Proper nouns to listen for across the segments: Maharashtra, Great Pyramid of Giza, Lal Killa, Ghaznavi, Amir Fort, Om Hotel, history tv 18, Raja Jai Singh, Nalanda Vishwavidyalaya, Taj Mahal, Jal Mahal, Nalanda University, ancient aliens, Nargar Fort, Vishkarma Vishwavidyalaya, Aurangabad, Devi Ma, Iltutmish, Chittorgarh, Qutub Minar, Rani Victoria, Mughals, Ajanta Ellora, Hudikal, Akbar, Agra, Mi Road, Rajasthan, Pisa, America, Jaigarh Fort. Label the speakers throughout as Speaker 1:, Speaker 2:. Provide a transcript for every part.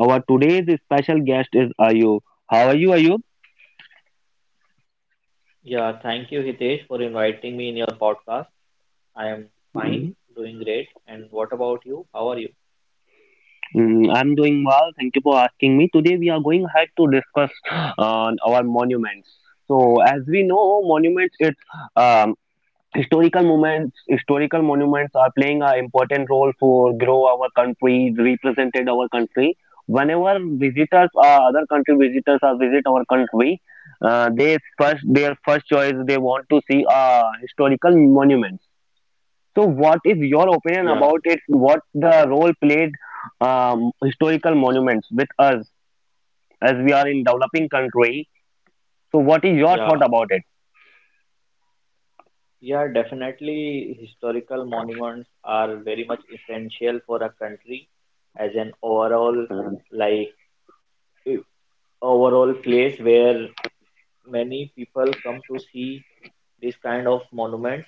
Speaker 1: Our today's special guest is Ayub. How are you, Ayub?
Speaker 2: Yeah, thank you, Hitesh, for inviting me in your podcast. I am
Speaker 1: Mm,
Speaker 2: fine, doing great. And what about you? How are you?
Speaker 1: mm, I'm doing well. Thank you for asking me. Today we are going ahead to discuss on our monuments. So as we know, monuments it's um, historical moments. Historical monuments are playing an important role for grow our country, represented our country. Whenever visitors or other country visitors are visit our country, they first their first choice they want to see a historical monument. So, what is your opinion
Speaker 2: Yeah,
Speaker 1: about it? What the role played historical monuments with us as we are in developing country? So, what is your
Speaker 2: yeah,
Speaker 1: thought about it?
Speaker 2: Yeah, definitely, historical monuments are very much essential for a country as an overall,
Speaker 1: Mm,
Speaker 2: like, eh, overall place where many people come to see this kind of monuments,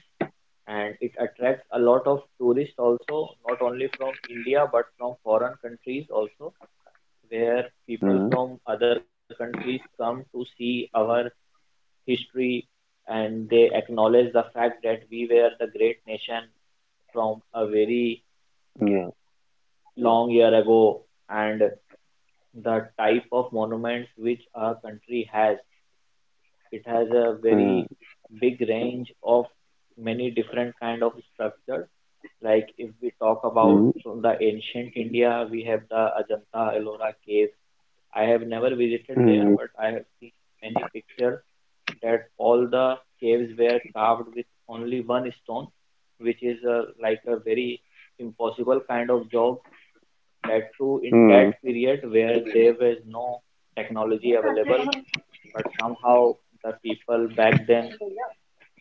Speaker 2: and it attracts a lot of tourists also, not only from India but from foreign countries also. Where people
Speaker 1: mm,
Speaker 2: from other countries come to see our history, and they acknowledge the fact that we were the great nation from a very
Speaker 1: yeah.
Speaker 2: long year ago, and the type of monuments which our country has. It has a
Speaker 1: Mm,
Speaker 2: very big range of many different kind of structures. Like if we talk
Speaker 1: mm,
Speaker 2: about the ancient India, we have the Ajanta Ellora caves. I have never visited there,
Speaker 1: mm,
Speaker 2: but I have seen many pictures that all the caves were carved with only one stone, which is like a very impossible kind of job. That too, in
Speaker 1: mm,
Speaker 2: that period where there was no technology available, but somehow the people back then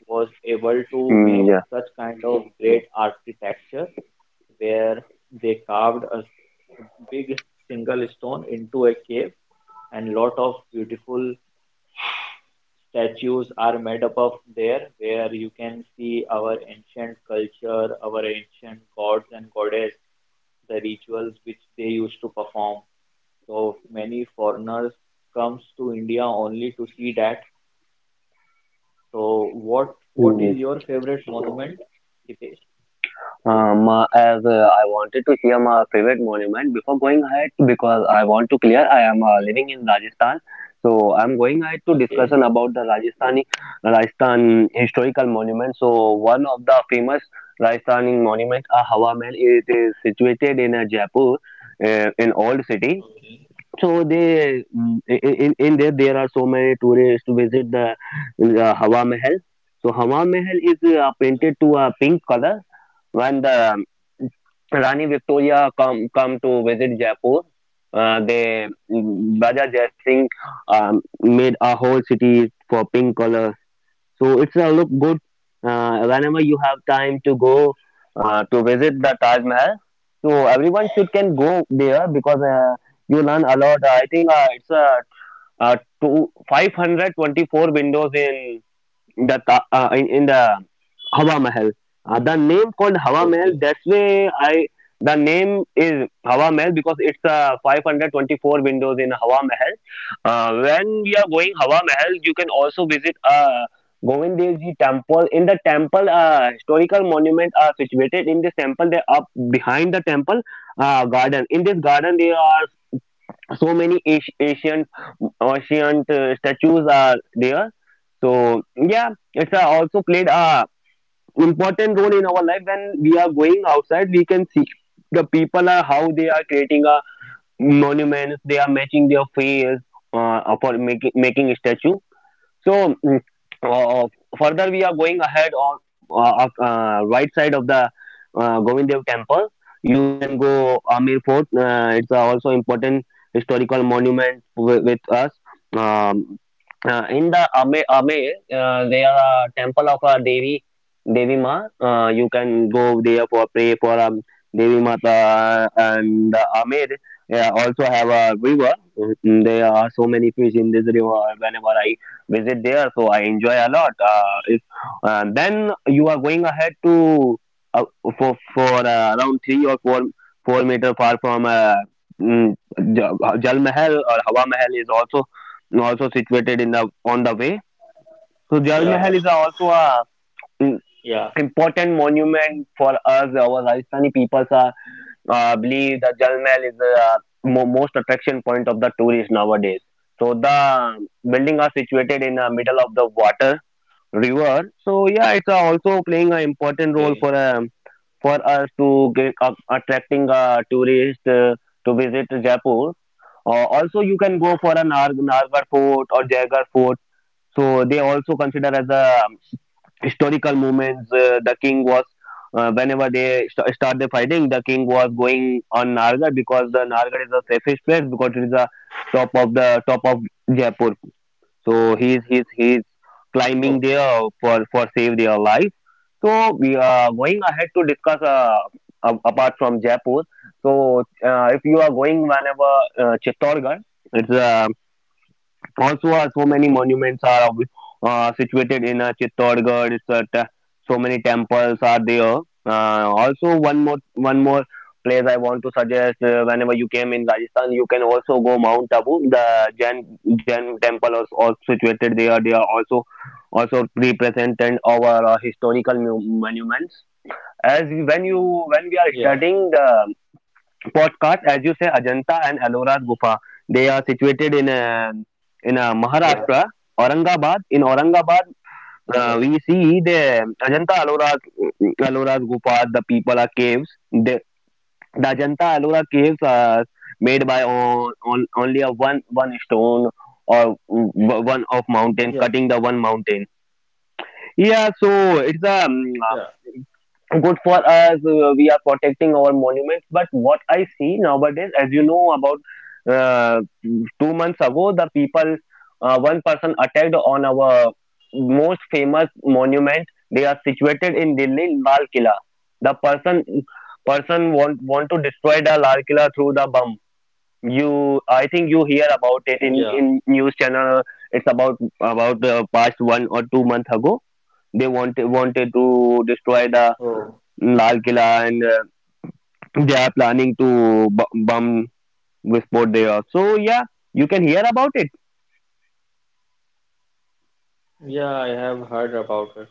Speaker 2: was able to
Speaker 1: mm,
Speaker 2: make such kind of great architecture where they carved a big single stone into a cave, and lot of beautiful statues are made up of there, where you can see our ancient culture, our ancient gods and goddess, the rituals which they used to perform. So many foreigners comes to india only to see that. So what
Speaker 1: yeah.
Speaker 2: is your favorite monument, Hitesh?
Speaker 1: As I wanted to see a favorite monument before going ahead, because I want to clear, I am living in Rajasthan, so I'm going ahead to
Speaker 2: Okay,
Speaker 1: discussion about the Rajasthan historical monument. So one of the famous Rajasthani monument, a Hawa Mahal, it is situated in Jaipur, in old city.
Speaker 2: okay,
Speaker 1: So they in there are so many tourists to visit the Hawa Mahal. So Hawa Mahal is painted to a pink color when the Rani Victoria come to visit Jaipur. They
Speaker 2: okay,
Speaker 1: Raja Jai Singh made a whole city for pink color, so it's a look good. Whenever you have time to go to visit the Taj Mahal, so everyone should can go there because you learn a lot. I think it's a, uh two five hundred twenty four windows in the ta- in the Hawa Mahal. The name called Hawa Mahal. That's
Speaker 2: okay.
Speaker 1: why I the name is Hawa Mahal because it's 524 windows in Hawa Mahal. When we are going Hawa Mahal, you can also visit Govindji temple. In the temple, historical monument are situated in this temple. They are up behind the temple garden. In this garden, there are so many ancient statues are there. So yeah, it's also played a important role in our life when we are going outside we can see the people are how they are creating a monuments they are matching their face for making a statue. So uh, further we are going ahead on uh, right side of the Govind Dev temple. You can go Amir Fort. It's also important historical monument with us. Um, in the Ame, there are a temple of a Devi Ma. You can go there for pray for Devi Mata and the Ame. Yeah, also have a river. Mm. There are so many fish in this river. Whenever I visit there so I enjoy a lot if then you are going ahead to uh, for around 3 or 4-meter far from mm, jal mahal or hawa mahal is also situated in the on the way.
Speaker 2: Yeah, yeah,
Speaker 1: So jal mahal is also
Speaker 2: yeah,
Speaker 1: a mm, important monument for us our rajasthani peoples are believe that jal mahal is the most attraction point of the tourist nowadays so the building are situated in the middle of the water river. So yeah, it's also playing an
Speaker 2: okay,
Speaker 1: important role for us to get attracting tourists to visit Jaipur. Also, you can go for a Nargar Fort or Jaigarh Fort. So they also consider as a historical moments. The king was whenever they start the fighting, the king was going on Nargar because the Nargar is the safest place because it is the top of Jaipur. So he's
Speaker 2: okay.
Speaker 1: climbing there for save their life. So we are going ahead to discuss apart from Jaipur. So if you are going whenever Chittorgarh, it's a also so
Speaker 2: Okay.
Speaker 1: many monuments are situated in Chittorgarh. It's so many temples are there. Also, one more place I want to suggest. Whenever you came in Rajasthan, you can also go Mount Abu. The Jain temple is also situated there. They are also represented our historical monuments. As we- when you When we are
Speaker 2: Yeah,
Speaker 1: studying the podcast, as you say, Ajanta and Ellora Gufa. They are situated in
Speaker 2: yeah, yeah,
Speaker 1: Maharashtra, Aurangabad. In Aurangabad,
Speaker 2: yeah,
Speaker 1: we see the Ajanta Ellora Gufa. The people are caves. The Ajanta Ellora caves are made by on only a one stone or one of mountain
Speaker 2: yeah,
Speaker 1: cutting the one mountain yeah so it's a
Speaker 2: yeah.
Speaker 1: good for us we are protecting our monuments but what I see nowadays as you know about uh, 2 months ago the people one person attacked on our most famous monument they are situated in delhi lal killa the person want to destroy the lal killa through the bomb. You I think you hear about it
Speaker 2: Yeah.
Speaker 1: in news channel. It's about past 1 or 2 months ago they wanted to destroy the
Speaker 2: Oh.
Speaker 1: Lal Killa, and they are planning to bomb Wisport there. So yeah, you can hear about it.
Speaker 2: Yeah, I have heard about it.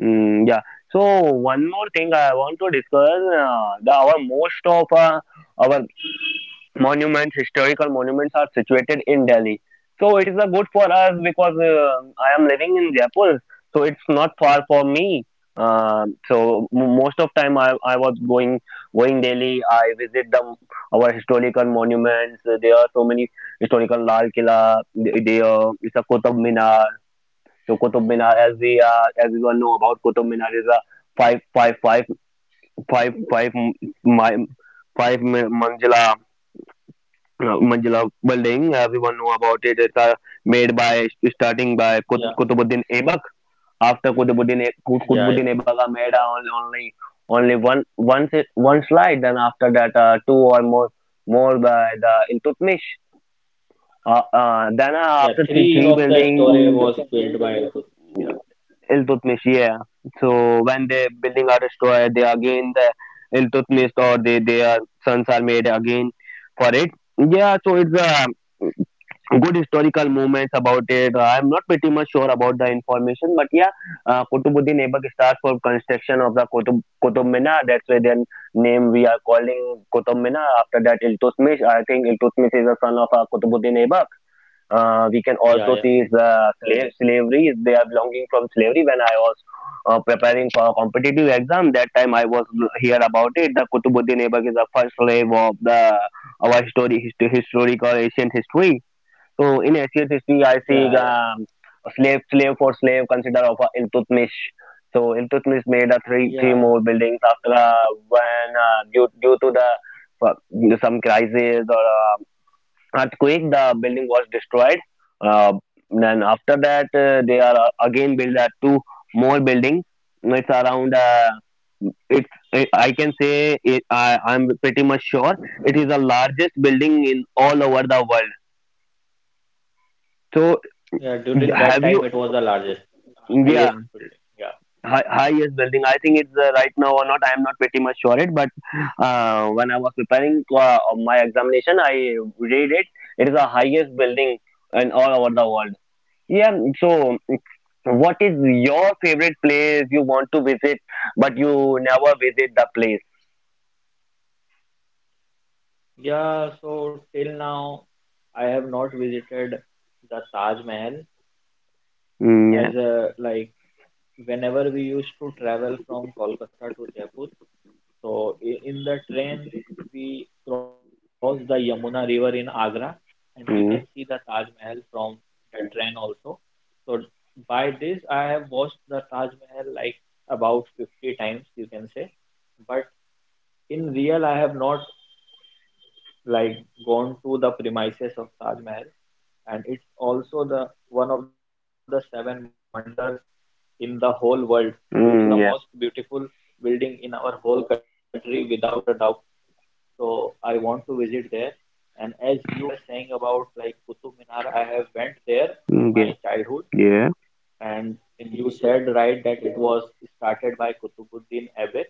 Speaker 1: Mm, yeah. So one more thing I want to discuss. The our most of our monuments, historical monuments are situated in Delhi. So it is a good for us because I am living in Jaipur, so it's not far for me. So most of time I was going daily. I visit the our historical monuments. There are so many historical Lal Killa. There is a Qutub Minar. So Qutub Minar, as we all know about Qutub Minar, is a five five five five five mi- manzila Manjula building. Everyone know about it. It's made by starting by
Speaker 2: Yeah,
Speaker 1: Qutbuddin Ebak. After
Speaker 2: yeah, yeah.
Speaker 1: Qutbuddin Ebak are made only one slide. Then after that, two or more by the Iltutmish. Then
Speaker 2: Yeah, yeah,
Speaker 1: after
Speaker 2: three
Speaker 1: three
Speaker 2: of the story
Speaker 1: building
Speaker 2: was built by Akbar. Yeah,
Speaker 1: Iltutmish, yeah. So when the building are destroyed, they again the Iltutmish or they their sons are made again for it. Yeah, so it's a good historical moments about it. I'm not pretty much sure about the information, but yeah, Kutubuddin Aibak starts for construction of the Kutub Minar. That's why their name we are calling Kutub Minar. After that, Iltutmish. I think Iltutmish is a son of Kutubuddin Aibak. We can also
Speaker 2: yeah,
Speaker 1: see
Speaker 2: yeah,
Speaker 1: his slavery. They are belonging from slavery. When I was preparing for a competitive exam, that time I was here about it. The Kutubuddin Aibak is the first slave of the our story, history, historical ancient history so in Asia's history, I see
Speaker 2: yeah, yeah,
Speaker 1: slave consider of Iltutmish. So Iltutmish made three more
Speaker 2: yeah.
Speaker 1: buildings after when due to the some crisis or earthquake, the building was destroyed. Uh, then after that, they are again build two more buildings. It's around. It's I can say it, I'm pretty much sure it is the largest building in all over the world. So,
Speaker 2: Yeah, during that time it
Speaker 1: have
Speaker 2: was
Speaker 1: you?
Speaker 2: the largest, highest
Speaker 1: Yeah,
Speaker 2: building. Yeah.
Speaker 1: yes, welding. I think it's right now or not. I am not pretty much sure it, but when I was preparing my examination, I read it. It is the highest building in all over the world. Yeah. So, what is your favorite place you want to visit, but you never visit the place?
Speaker 2: Yeah, so till now I have not visited the Taj Mahal
Speaker 1: Mm, yeah.
Speaker 2: as a like whenever we used to travel from Kolkata to Jaipur. So in the train we cross the Yamuna River in Agra, and we can
Speaker 1: Mm.
Speaker 2: see the Taj Mahal from the train also. So by this I have watched the Taj Mahal like about 50 times you can say. But in real I have not like gone to the premises of Taj Mahal, and it's also the one of the seven wonders in the whole world. It's the most
Speaker 1: Mm, yeah.
Speaker 2: beautiful building in our whole country without a doubt. So I want to visit there. And as you were saying about like Qutub Minar, I have went there in
Speaker 1: Mm,
Speaker 2: my
Speaker 1: yeah.
Speaker 2: childhood,
Speaker 1: Yeah.
Speaker 2: and you said right that it was started by Qutbuddin Aibak.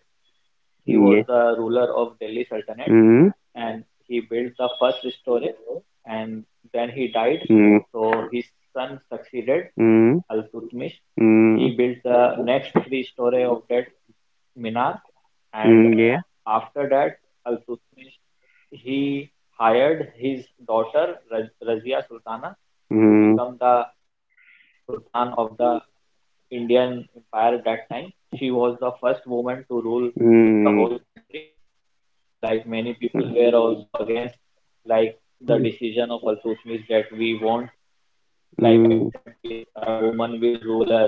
Speaker 2: He
Speaker 1: Yeah.
Speaker 2: was the ruler of Delhi Sultanate,
Speaker 1: Mm.
Speaker 2: and he built the first storage, and then he died,
Speaker 1: Mm.
Speaker 2: so his son succeeded,
Speaker 1: Mm,
Speaker 2: al-tutmish.
Speaker 1: mm,
Speaker 2: He built the next three story of that minar. And
Speaker 1: mm, yeah.
Speaker 2: after that al-tutmish, he hired his daughter razia sultana
Speaker 1: Mm.
Speaker 2: to become the sultan of the indian empire at that time. She was the first woman to rule the whole
Speaker 1: Mm.
Speaker 2: country. Like many people were also against, like, the decision of Al Suthmis that we won't like
Speaker 1: Mm,
Speaker 2: accept this woman will rule us.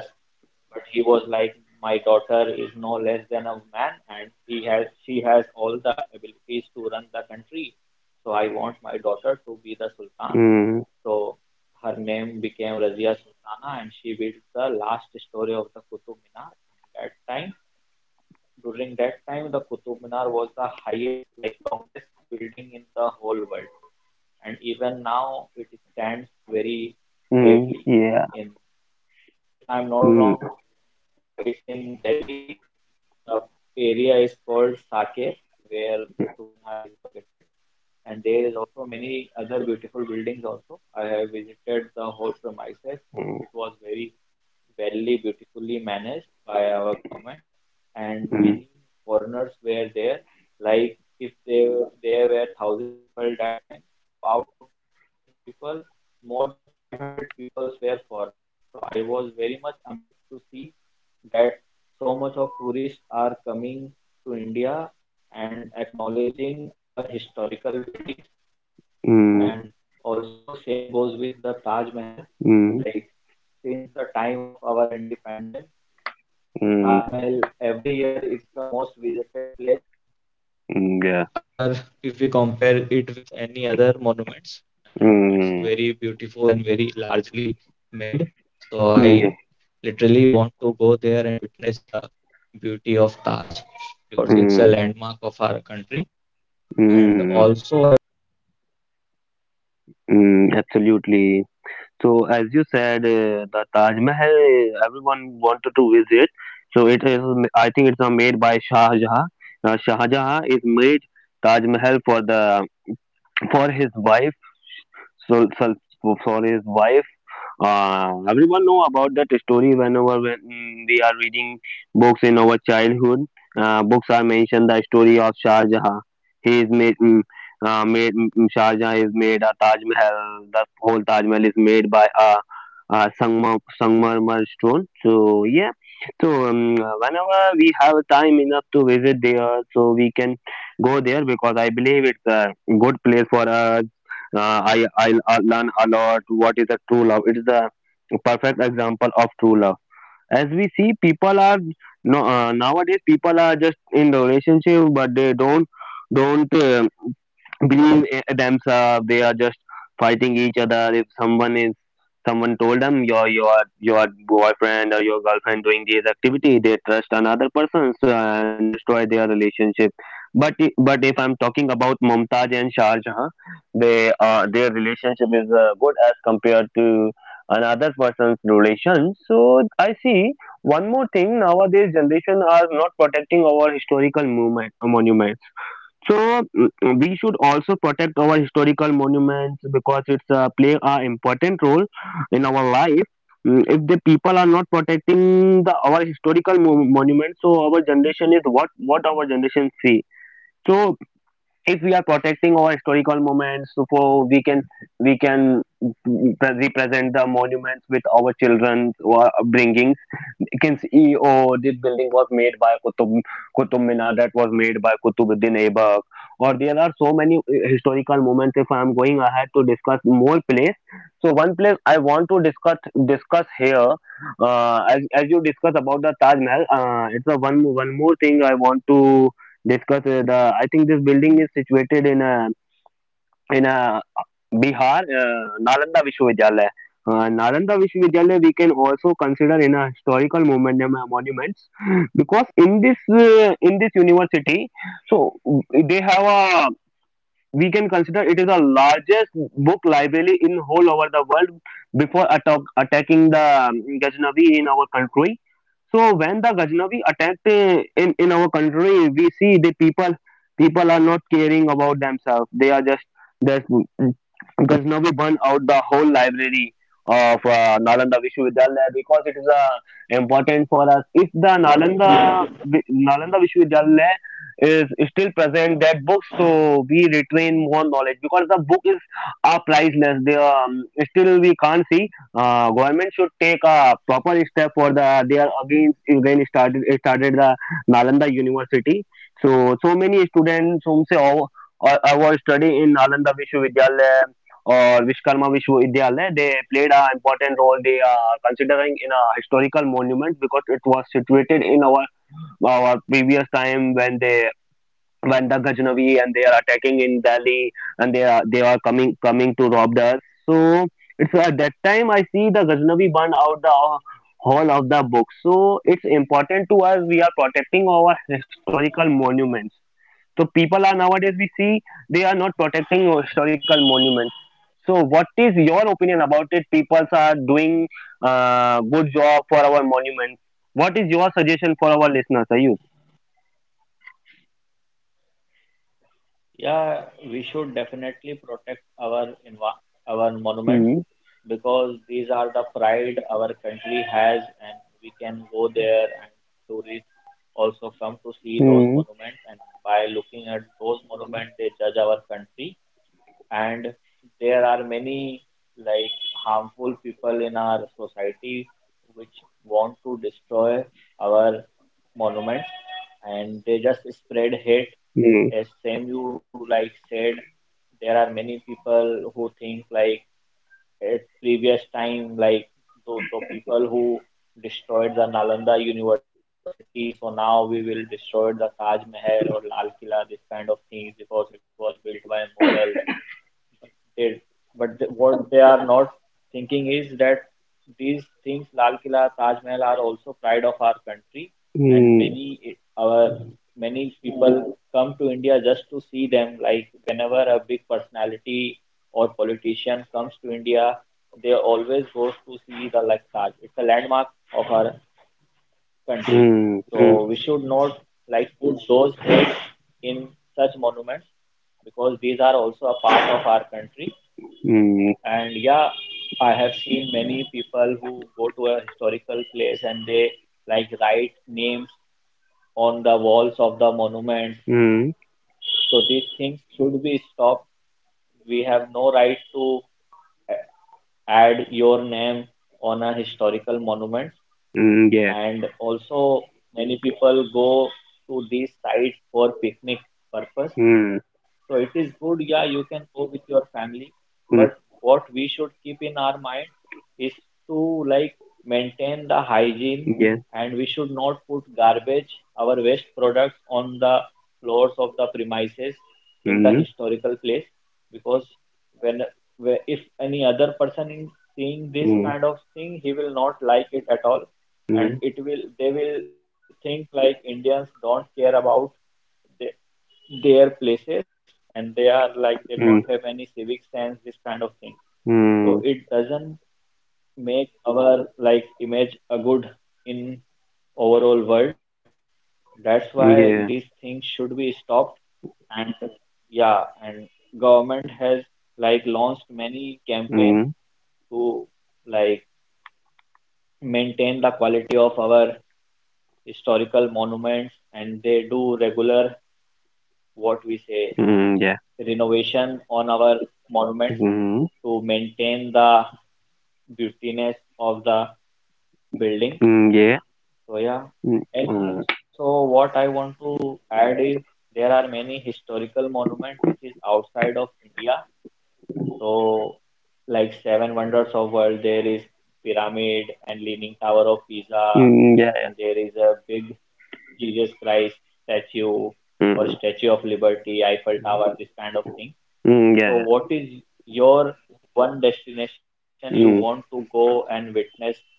Speaker 2: But he was like, my daughter is no less than a man, and he has she has all the abilities to run the country. So I want my daughter to be the Sultan.
Speaker 1: mm.
Speaker 2: So her name became Razia Sultana, and she built the last story of the Qutub Minar. At that time During that time, the Qutub Minar was the highest, like longest building in the whole world, and even now it stands very
Speaker 1: Mm,
Speaker 2: greatly
Speaker 1: yeah.
Speaker 2: in, if I'm not
Speaker 1: Mm,
Speaker 2: wrong, it's in Delhi. The area is called Saket, where Qutub Minar is located, and there is also many other beautiful buildings. Also, I have visited the whole premises.
Speaker 1: mm,
Speaker 2: It was very beautifully managed by our government, and many
Speaker 1: mm,
Speaker 2: foreigners were there. Like if they there were 1,000 people that time, so out of that 1,000 people, more than 500 people were foreigners. So I was very much amazed to see that so much of tourists are coming to India and acknowledging our historical buildings. And
Speaker 1: mm,
Speaker 2: also same goes with the Taj Mahal.
Speaker 1: mm,
Speaker 2: Like since the time of our independence, Taj
Speaker 1: mm,
Speaker 2: Mahal every year it's the most visited
Speaker 1: mm, yeah. Mm, mm, yeah. Mm, mm, mm, absolutely. So, as you said, the Taj Mahal, everyone wanted to visit. So it is, I think it's made by Shah Jahan. Shah Jahan is made Taj Mahal for the for his wife. So for his wife. Everyone know about that story whenever when we are reading books in our childhood. Books are mentioned the story of Shah Jahan. He is made, Shah Jahan is made a Taj Mahal. The whole Taj Mahal is made by a Sangmarmar stone. So yeah, so whenever we have time enough to visit there, so we can go there because I believe it's a good place for us I learn a lot. What is a true love? It is the perfect example of true love. As we see, people are no nowadays people are just in the relationship, but they don't believe themselves. They are just fighting each other. If someone told them your boyfriend or your girlfriend doing this activity, they trust another person, so and destroy their relationship. But if I'm talking about Mumtaz and Shah Jahan, they their relationship is good as compared to another person's relation, so I see one more thing. Nowadays generation are not protecting our historical movement monument. So, we should also protect our historical monuments, because it's play a important role in our life. If the people are not protecting the our historical monuments, so our generation is what our generation see. So if we are protecting our historical moments, so we can represent the monuments with our children, who are bringing. You can see, oh, this building was made by Qutub Minar, that was made by Qutubuddin Aibak. Or there are so many historical moments. If I am going ahead to discuss more place, so one place I want to discuss here. As you discuss about the Taj Mahal, it's a one one more thing I want to discuss. The I think this building is situated in a, in Bihar, Nalanda Vishwavidyalaya. Nalanda Vishwavidyalaya we can also consider in a historical moment monuments, because in this university, so they have a, we can consider it is the largest book library in whole over the world before attacking the Ghaznavi in our country. So when the Ghaznavi attacked in our country, we see the people are not caring about themselves. They are just. Ghaznavi burned out the whole library of Nalanda Vishwavidyalaya, because it is important for us. If the Nalanda Vishwavidyalaya is still present that books, so we retain more knowledge, because the book is are priceless. They are still, we can't see. Government should take a proper step for the, they are again started the Nalanda University. So many students whom say our, our study in Nalanda Vishwavidyalaya or Vishkarma Vishwavidyalaya, they played an important role. They are considering in a historical monument, because it was situated in our previous time when the Ghaznavi and they are attacking in Delhi, and they are coming to rob us. So, it's at that time I see the Ghaznavi burn out the whole of the book. So it's important to us. We are protecting our historical monuments. So people are nowadays, we see they are not protecting historical monuments. So what is your opinion about it? People are doing good job for our monuments. What is your suggestion for our listeners? Are you?
Speaker 3: Yeah, we should definitely protect our our monuments
Speaker 1: Hmm.
Speaker 3: because these are the pride our country has, and we can go there and tourists also come to see those
Speaker 1: Hmm.
Speaker 3: monuments. And by looking at those monuments, they judge our country, and there are many like harmful people in our society which want to destroy our monuments, and they just spread hate.
Speaker 1: Hmm.
Speaker 3: As same you said, there are many people who think at previous time, like the people who destroyed the Nalanda University, so now we will destroy the Taj Mahal or Lal Killa, this kind of things because it was built by Mughals did. But th what they are not thinking is that these things, Lal Killa, Taj Mahal, are also pride of our country, and
Speaker 1: Hmm.
Speaker 3: our many people come to India just to see them. Like whenever a big personality or politician comes to India, they always go to see the Taj. It's a landmark of our country.
Speaker 1: Mm, mm,
Speaker 3: So we should not put those heads in such monuments because these are also a part of our country.
Speaker 1: mm,
Speaker 3: And yeah, I have seen many people who go to a historical place and they write names on the walls of the monuments.
Speaker 1: mm,
Speaker 3: So these things should be stopped. We have no right to add your name on a historical monument.
Speaker 1: mm, yeah,
Speaker 3: And also, many people go to these sites for picnic purpose,
Speaker 1: mm,
Speaker 3: so it is good, yeah, you can go with your family, but
Speaker 1: mm,
Speaker 3: what we should keep in our mind is to maintain the hygiene,
Speaker 1: yeah,
Speaker 3: and we should not put garbage, our waste products, on the floors of the premises in the
Speaker 1: mm,
Speaker 3: historical place, because when where if any other person is seeing this
Speaker 1: mm,
Speaker 3: kind of thing, he will not like it at all,
Speaker 1: mm,
Speaker 3: and it will they will think like Indians don't care about the, their places, and they are they don't have any civic sense, this kind of thing. So
Speaker 1: mm,
Speaker 3: it doesn't make our image a good in overall world. That's why
Speaker 1: mm,
Speaker 3: these
Speaker 1: yeah,
Speaker 3: things should be stopped. And yeah and government has launched many campaigns
Speaker 1: mm,
Speaker 3: to like maintain the quality of our historical monuments, and they do regular, what we say,
Speaker 1: mm, yeah,
Speaker 3: renovation on our monuments
Speaker 1: mm,
Speaker 3: to maintain the beautiness of the building.
Speaker 1: mm, yeah,
Speaker 3: So yeah.
Speaker 1: mm,
Speaker 3: And
Speaker 1: mm,
Speaker 3: so what I want to add is there are many historical monuments which is outside of India. So, like, seven wonders of world, there is pyramid and leaning tower of Pisa,
Speaker 1: mm, yeah,
Speaker 3: and there is a big Jesus Christ statue, or
Speaker 1: mm,
Speaker 3: Statue of Liberty, Eiffel Tower, this kind of thing.
Speaker 1: mm,
Speaker 3: So,
Speaker 1: yeah,
Speaker 3: what is your one destination you
Speaker 1: mm,
Speaker 3: want
Speaker 1: mm, mm.
Speaker 3: to go and witness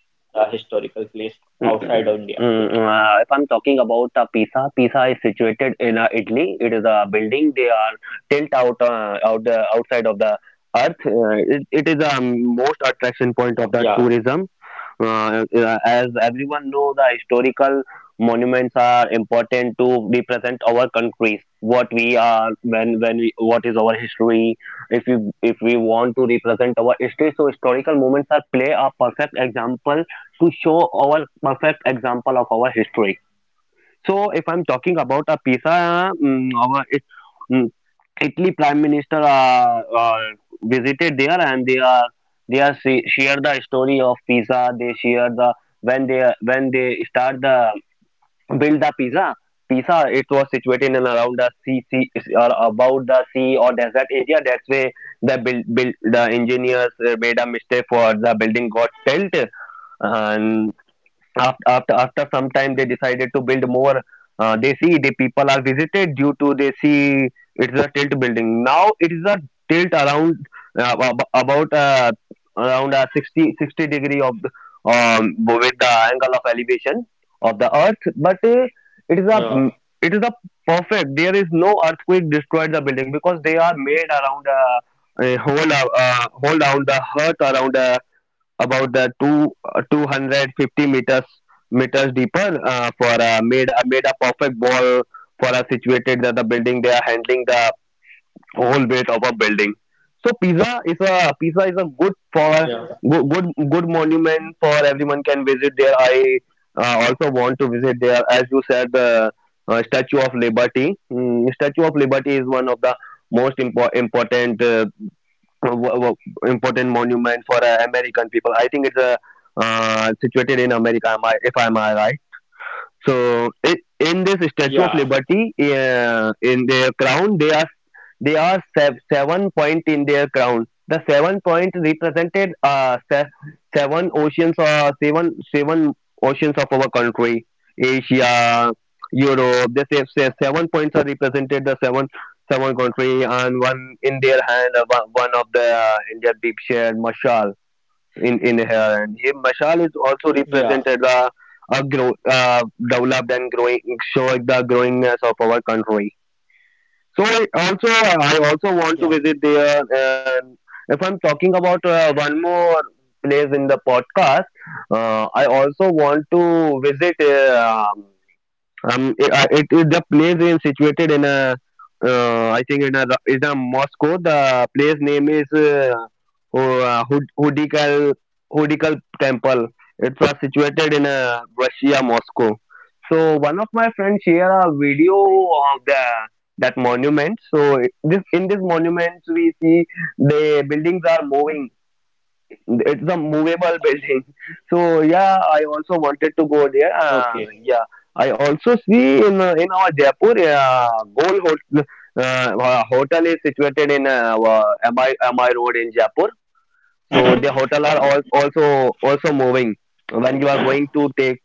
Speaker 3: a historical place outside of India?
Speaker 1: If I'm talking about Pisa, Pisa is situated in Italy. It is a building. They are tilt out the outside of the earth. It is a most attraction point of the
Speaker 3: Yeah,
Speaker 1: tourism. As everyone know, the historical monuments are important to represent our countries. What we are, when we, what is our history? If we want to represent our history, so historical moments are play a perfect example to show our perfect example of our history. So if I'm talking about a pizza, mm, Italy Prime Minister visited there, and they are share the story of pizza. They share the, when they start the build the pizza. Pisa, it was situated in around the sea or about the sea or desert area. That's where the build, build the engineers made a mistake for the building got tilt. And after some time they decided to build more, they see the people are visited due to they see it's a tilt building. Now it is a tilt around ab- about around sixty degree of the, with the angle of elevation of the earth. But it is a
Speaker 3: uh,
Speaker 1: it is a perfect, there is no earthquake destroyed the building, because they are made around a whole whole around the earth around about the two 250 meters deeper, for made made a perfect ball for a situated, that the building they are handling the whole weight of a building. So Pisa is a good for
Speaker 3: yeah,
Speaker 1: good good, good monument for everyone can visit there. I also want to visit there. As you said, the Statue of Liberty. Mm, Statue of Liberty is one of the most important uh, wo- wo- important monument for American people. I think it's a situated in America, am I, if I'm right. So it, in this Statue of
Speaker 3: yeah,
Speaker 1: Liberty, in their crown, they are seven points in their crown. The seven point represented seven oceans or seven oceans of our country, Asia, Europe. They seven points are represented the seven country, and one in their hand, one of the Indian deep shared mashal in her hand. Here mashal is also
Speaker 3: yeah,
Speaker 1: represented the uh, grow, uh, developed and growing, showing the growingness of our country. So I also want to
Speaker 3: yeah,
Speaker 1: visit there. And if I'm talking about one more place in the podcast, I also want to visit. It is the place is situated in a, I think in a is a Moscow. The place name is Ho- uh, Hud- Hudikal Hudikal Temple. It was situated in Russia, Moscow. So one of my friends shared a video of the that monument. So it- this in this monument, we see the buildings are moving. It's a movable building. So yeah, I also wanted to go there.
Speaker 3: okay,
Speaker 1: Yeah, I also see in in our Jaipur gold hotel. uh, Hotel is situated in mi road in Jaipur. So the hotel are all, also also moving. When you are going to take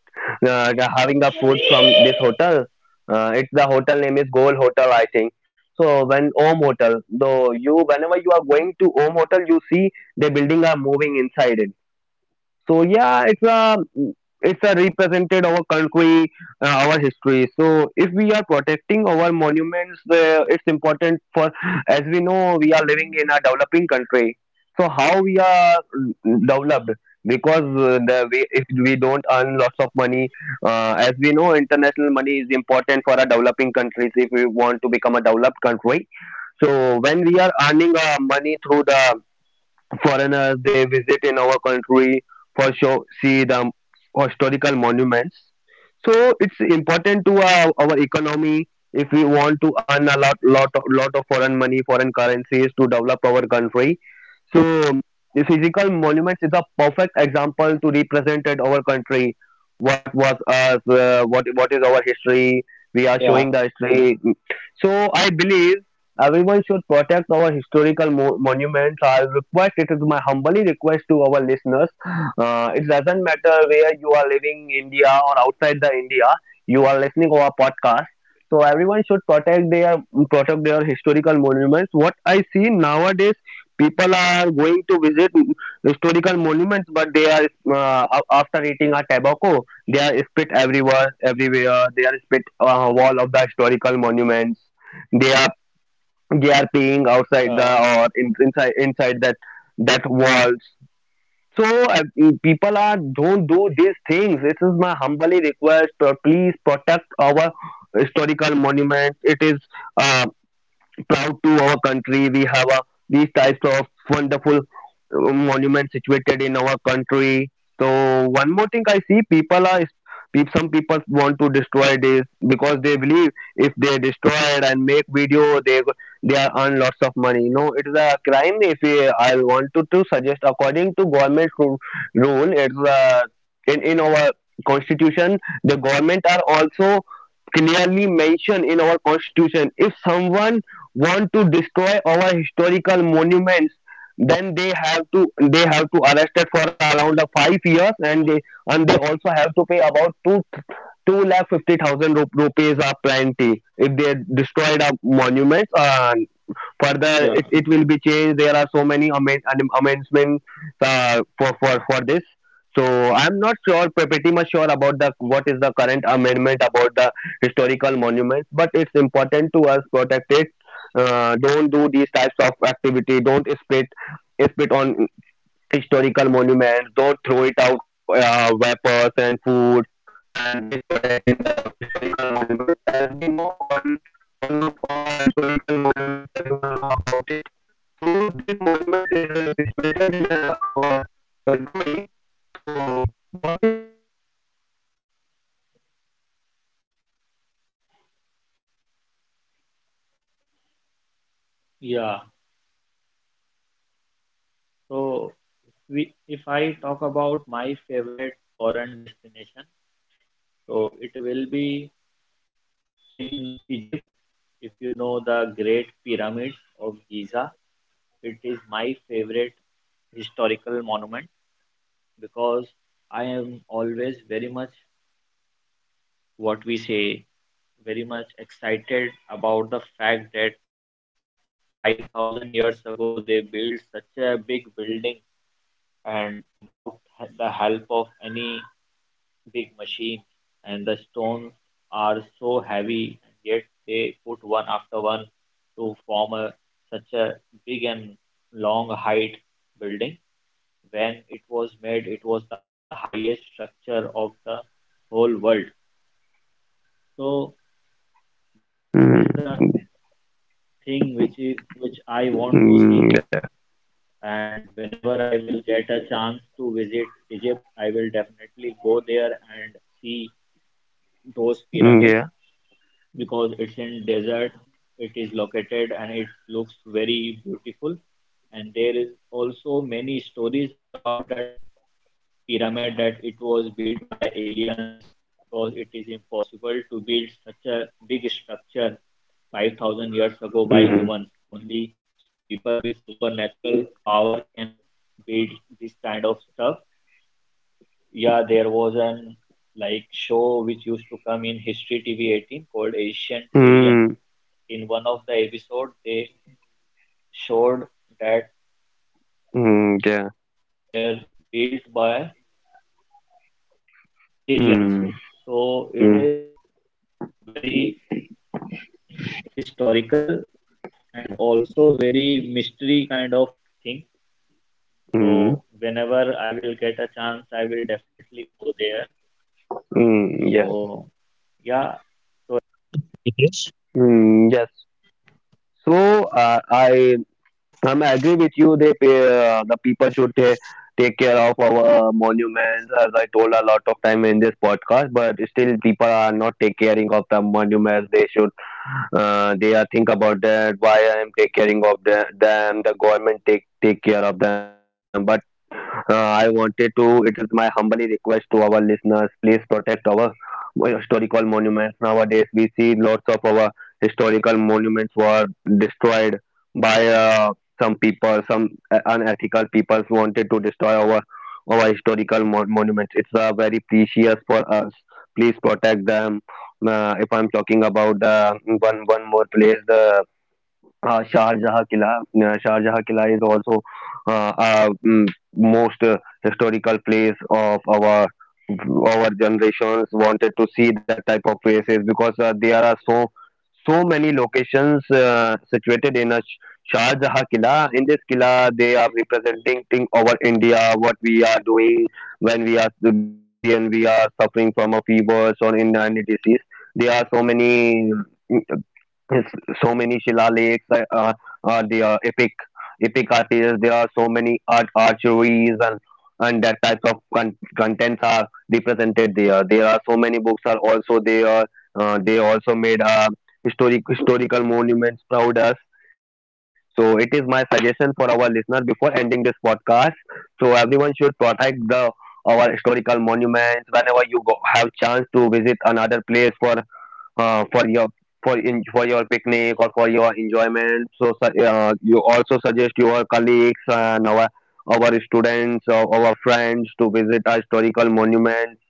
Speaker 1: having the food from this hotel, it's the hotel name is Gold Hotel, I think. So when Om Hotel, though you, whenever you are going to Om Hotel, you see the building are moving inside it. So yeah, it's a, it's a represented our country, our history. So if we are protecting our monuments, it's important for, as we know, we are living in a developing country. So how we are developed? Because if we don't earn lots of money, as we know, international money is important for a developing countries if we want to become a developed country. So when we are earning money through the foreigners, they visit in our country for show see the historical monuments. So it's important to our, economy. If we want to earn a lot of foreign money, foreign currencies, to develop our country. So the physical monuments is a perfect example to represented our country, what was us what is our history. We
Speaker 3: yeah,
Speaker 1: are showing the history. So I believe everyone should protect our historical monuments. I request, it is my humbly request to our listeners. It doesn't matter where you are living, India or outside the India, you are listening our podcast. So everyone should protect their historical monuments. What I see nowadays, people are going to visit historical monuments, but they are, after eating a tobacco, they are spit everywhere, everywhere. They are spit wall of the historical monuments. they they are paying
Speaker 3: uh,
Speaker 1: outside the or in, inside inside that walls. So people are don't do these things. This is my humbly request, please protect our historical monument. It is uh, proud to our country. We have these types of wonderful monuments situated in our country. So one more thing, I see people are, some people want to destroy this because they believe if they destroy it and make video, they are earn lots of money. No, it is a crime. If I want to suggest according to government rule, it's in our constitution, the government are also clearly mentioned in our constitution. If someone want to destroy our historical monuments, then they have to arrested for around 5 years, and they, and they also have to pay about two lakh 50,000 rupees a plenty if they destroyed a monuments.
Speaker 3: yeah,
Speaker 1: Further, it will be changed. There are so many amendments for this. So I'm not sure, pretty much sure about the what is the current amendment about the historical monuments, but it's important to us protect it. Don't do these types of activity. Don't spit on historical monuments. Don't throw it out vapors and food and waste product in the historical monuments. As we know, one of our historical monuments, everyone know about it. So this monument is situated in our country. So what is your opinion about it? Mm, yes. So I
Speaker 3: yeah.
Speaker 1: see when the people are not awareing about it, the
Speaker 3: So,
Speaker 1: people what
Speaker 3: we,
Speaker 1: they can
Speaker 3: if
Speaker 1: do.
Speaker 3: I talk about
Speaker 1: So
Speaker 3: my
Speaker 1: they are
Speaker 3: favorite
Speaker 1: just wasting
Speaker 3: foreign
Speaker 1: their time for
Speaker 3: destination,
Speaker 1: it.
Speaker 3: so it will
Speaker 1: So,
Speaker 3: be
Speaker 1: one more thing I wanted to
Speaker 3: in
Speaker 1: discuss in
Speaker 3: Egypt.
Speaker 1: this
Speaker 3: If
Speaker 1: podcast
Speaker 3: you know the Great
Speaker 1: the
Speaker 3: Pyramid
Speaker 1: people.
Speaker 3: of Giza, it is my favorite historical monument, because I am always very much, what we say, very much excited about the fact that 5,000 years ago they built such a big building and without the help of any big machine, and the stones are so heavy, and yet they put one after one to form a, such a big and long height building. When it was made, it was the highest structure of the whole world. So this
Speaker 4: Mm,
Speaker 3: is the thing which is which I want to see,
Speaker 4: mm, yeah,
Speaker 3: and whenever I will get a chance to visit Egypt, I will definitely go there and see those
Speaker 4: mm,
Speaker 3: pyramids,
Speaker 4: yeah,
Speaker 3: because it's in desert it is located, and it looks very beautiful. And there is also many stories about that pyramid, that it was built by aliens, because it is impossible to build such a big structure 5,000 years ago by
Speaker 4: mm,
Speaker 3: humans only. People with supernatural power can build this kind of stuff. Yeah, there was an show which used to come in history tv 18 called Ancient
Speaker 4: mm,
Speaker 3: Aliens. In one of the episodes, they showed that
Speaker 4: mm, yeah,
Speaker 3: they're built by aliens.
Speaker 4: mm,
Speaker 3: So it
Speaker 4: mm,
Speaker 3: is very historical and also very mystery kind of thing. So
Speaker 4: mm,
Speaker 3: whenever I will get a chance, I will definitely go there.
Speaker 4: mm, yeah,
Speaker 3: So yeah, yes.
Speaker 4: mm, yes. So I I'm agree with you. They pay, the people should take care of our monuments, as I told a lot of time in this podcast. But still, people are not take caring of the monuments. They should. They are think about that. Why I am take caring of the, them? The government take care of them. But I wanted to. It is my humbly request to our listeners. Please protect our historical monuments. Nowadays, we see lots of our historical monuments were destroyed by some people, some unethical people wanted to destroy our historical monuments. It's very precious for us. Please protect them. If I'm talking about one more place, the Shahjahan Killa. Shahjahan Killa is also uh, uh, mm, most historical place of our generations wanted to see that type of places because there are so many locations situated in a Shahjahan Killa. In this Killa, they are representing thing over India, what we are doing when we are suffering from a fevers or in any disease. There are so many. Yes, so many shilakes, the epic artists. There are so many art archeries and that types of contents are represented there. There are so many books are also there. They also made historical monuments proud us. So it is my suggestion for our listener before ending this podcast. So everyone should protect the our historical monuments whenever you go, have chance to visit another place for your for your picnic or for your enjoyment. So you also suggest your colleagues and our students or our friends to visit a historical monument.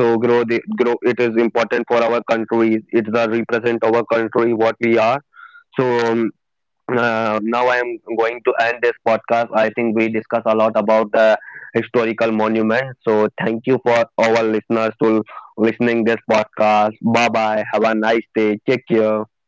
Speaker 4: So grow the grow. It is important for our country. It the represent our country what we are. So um, now I am going to end this podcast. I think we discuss a lot about the historical monument. So thank you for our listeners to listening this podcast. Bye bye. Have a nice day. Take care.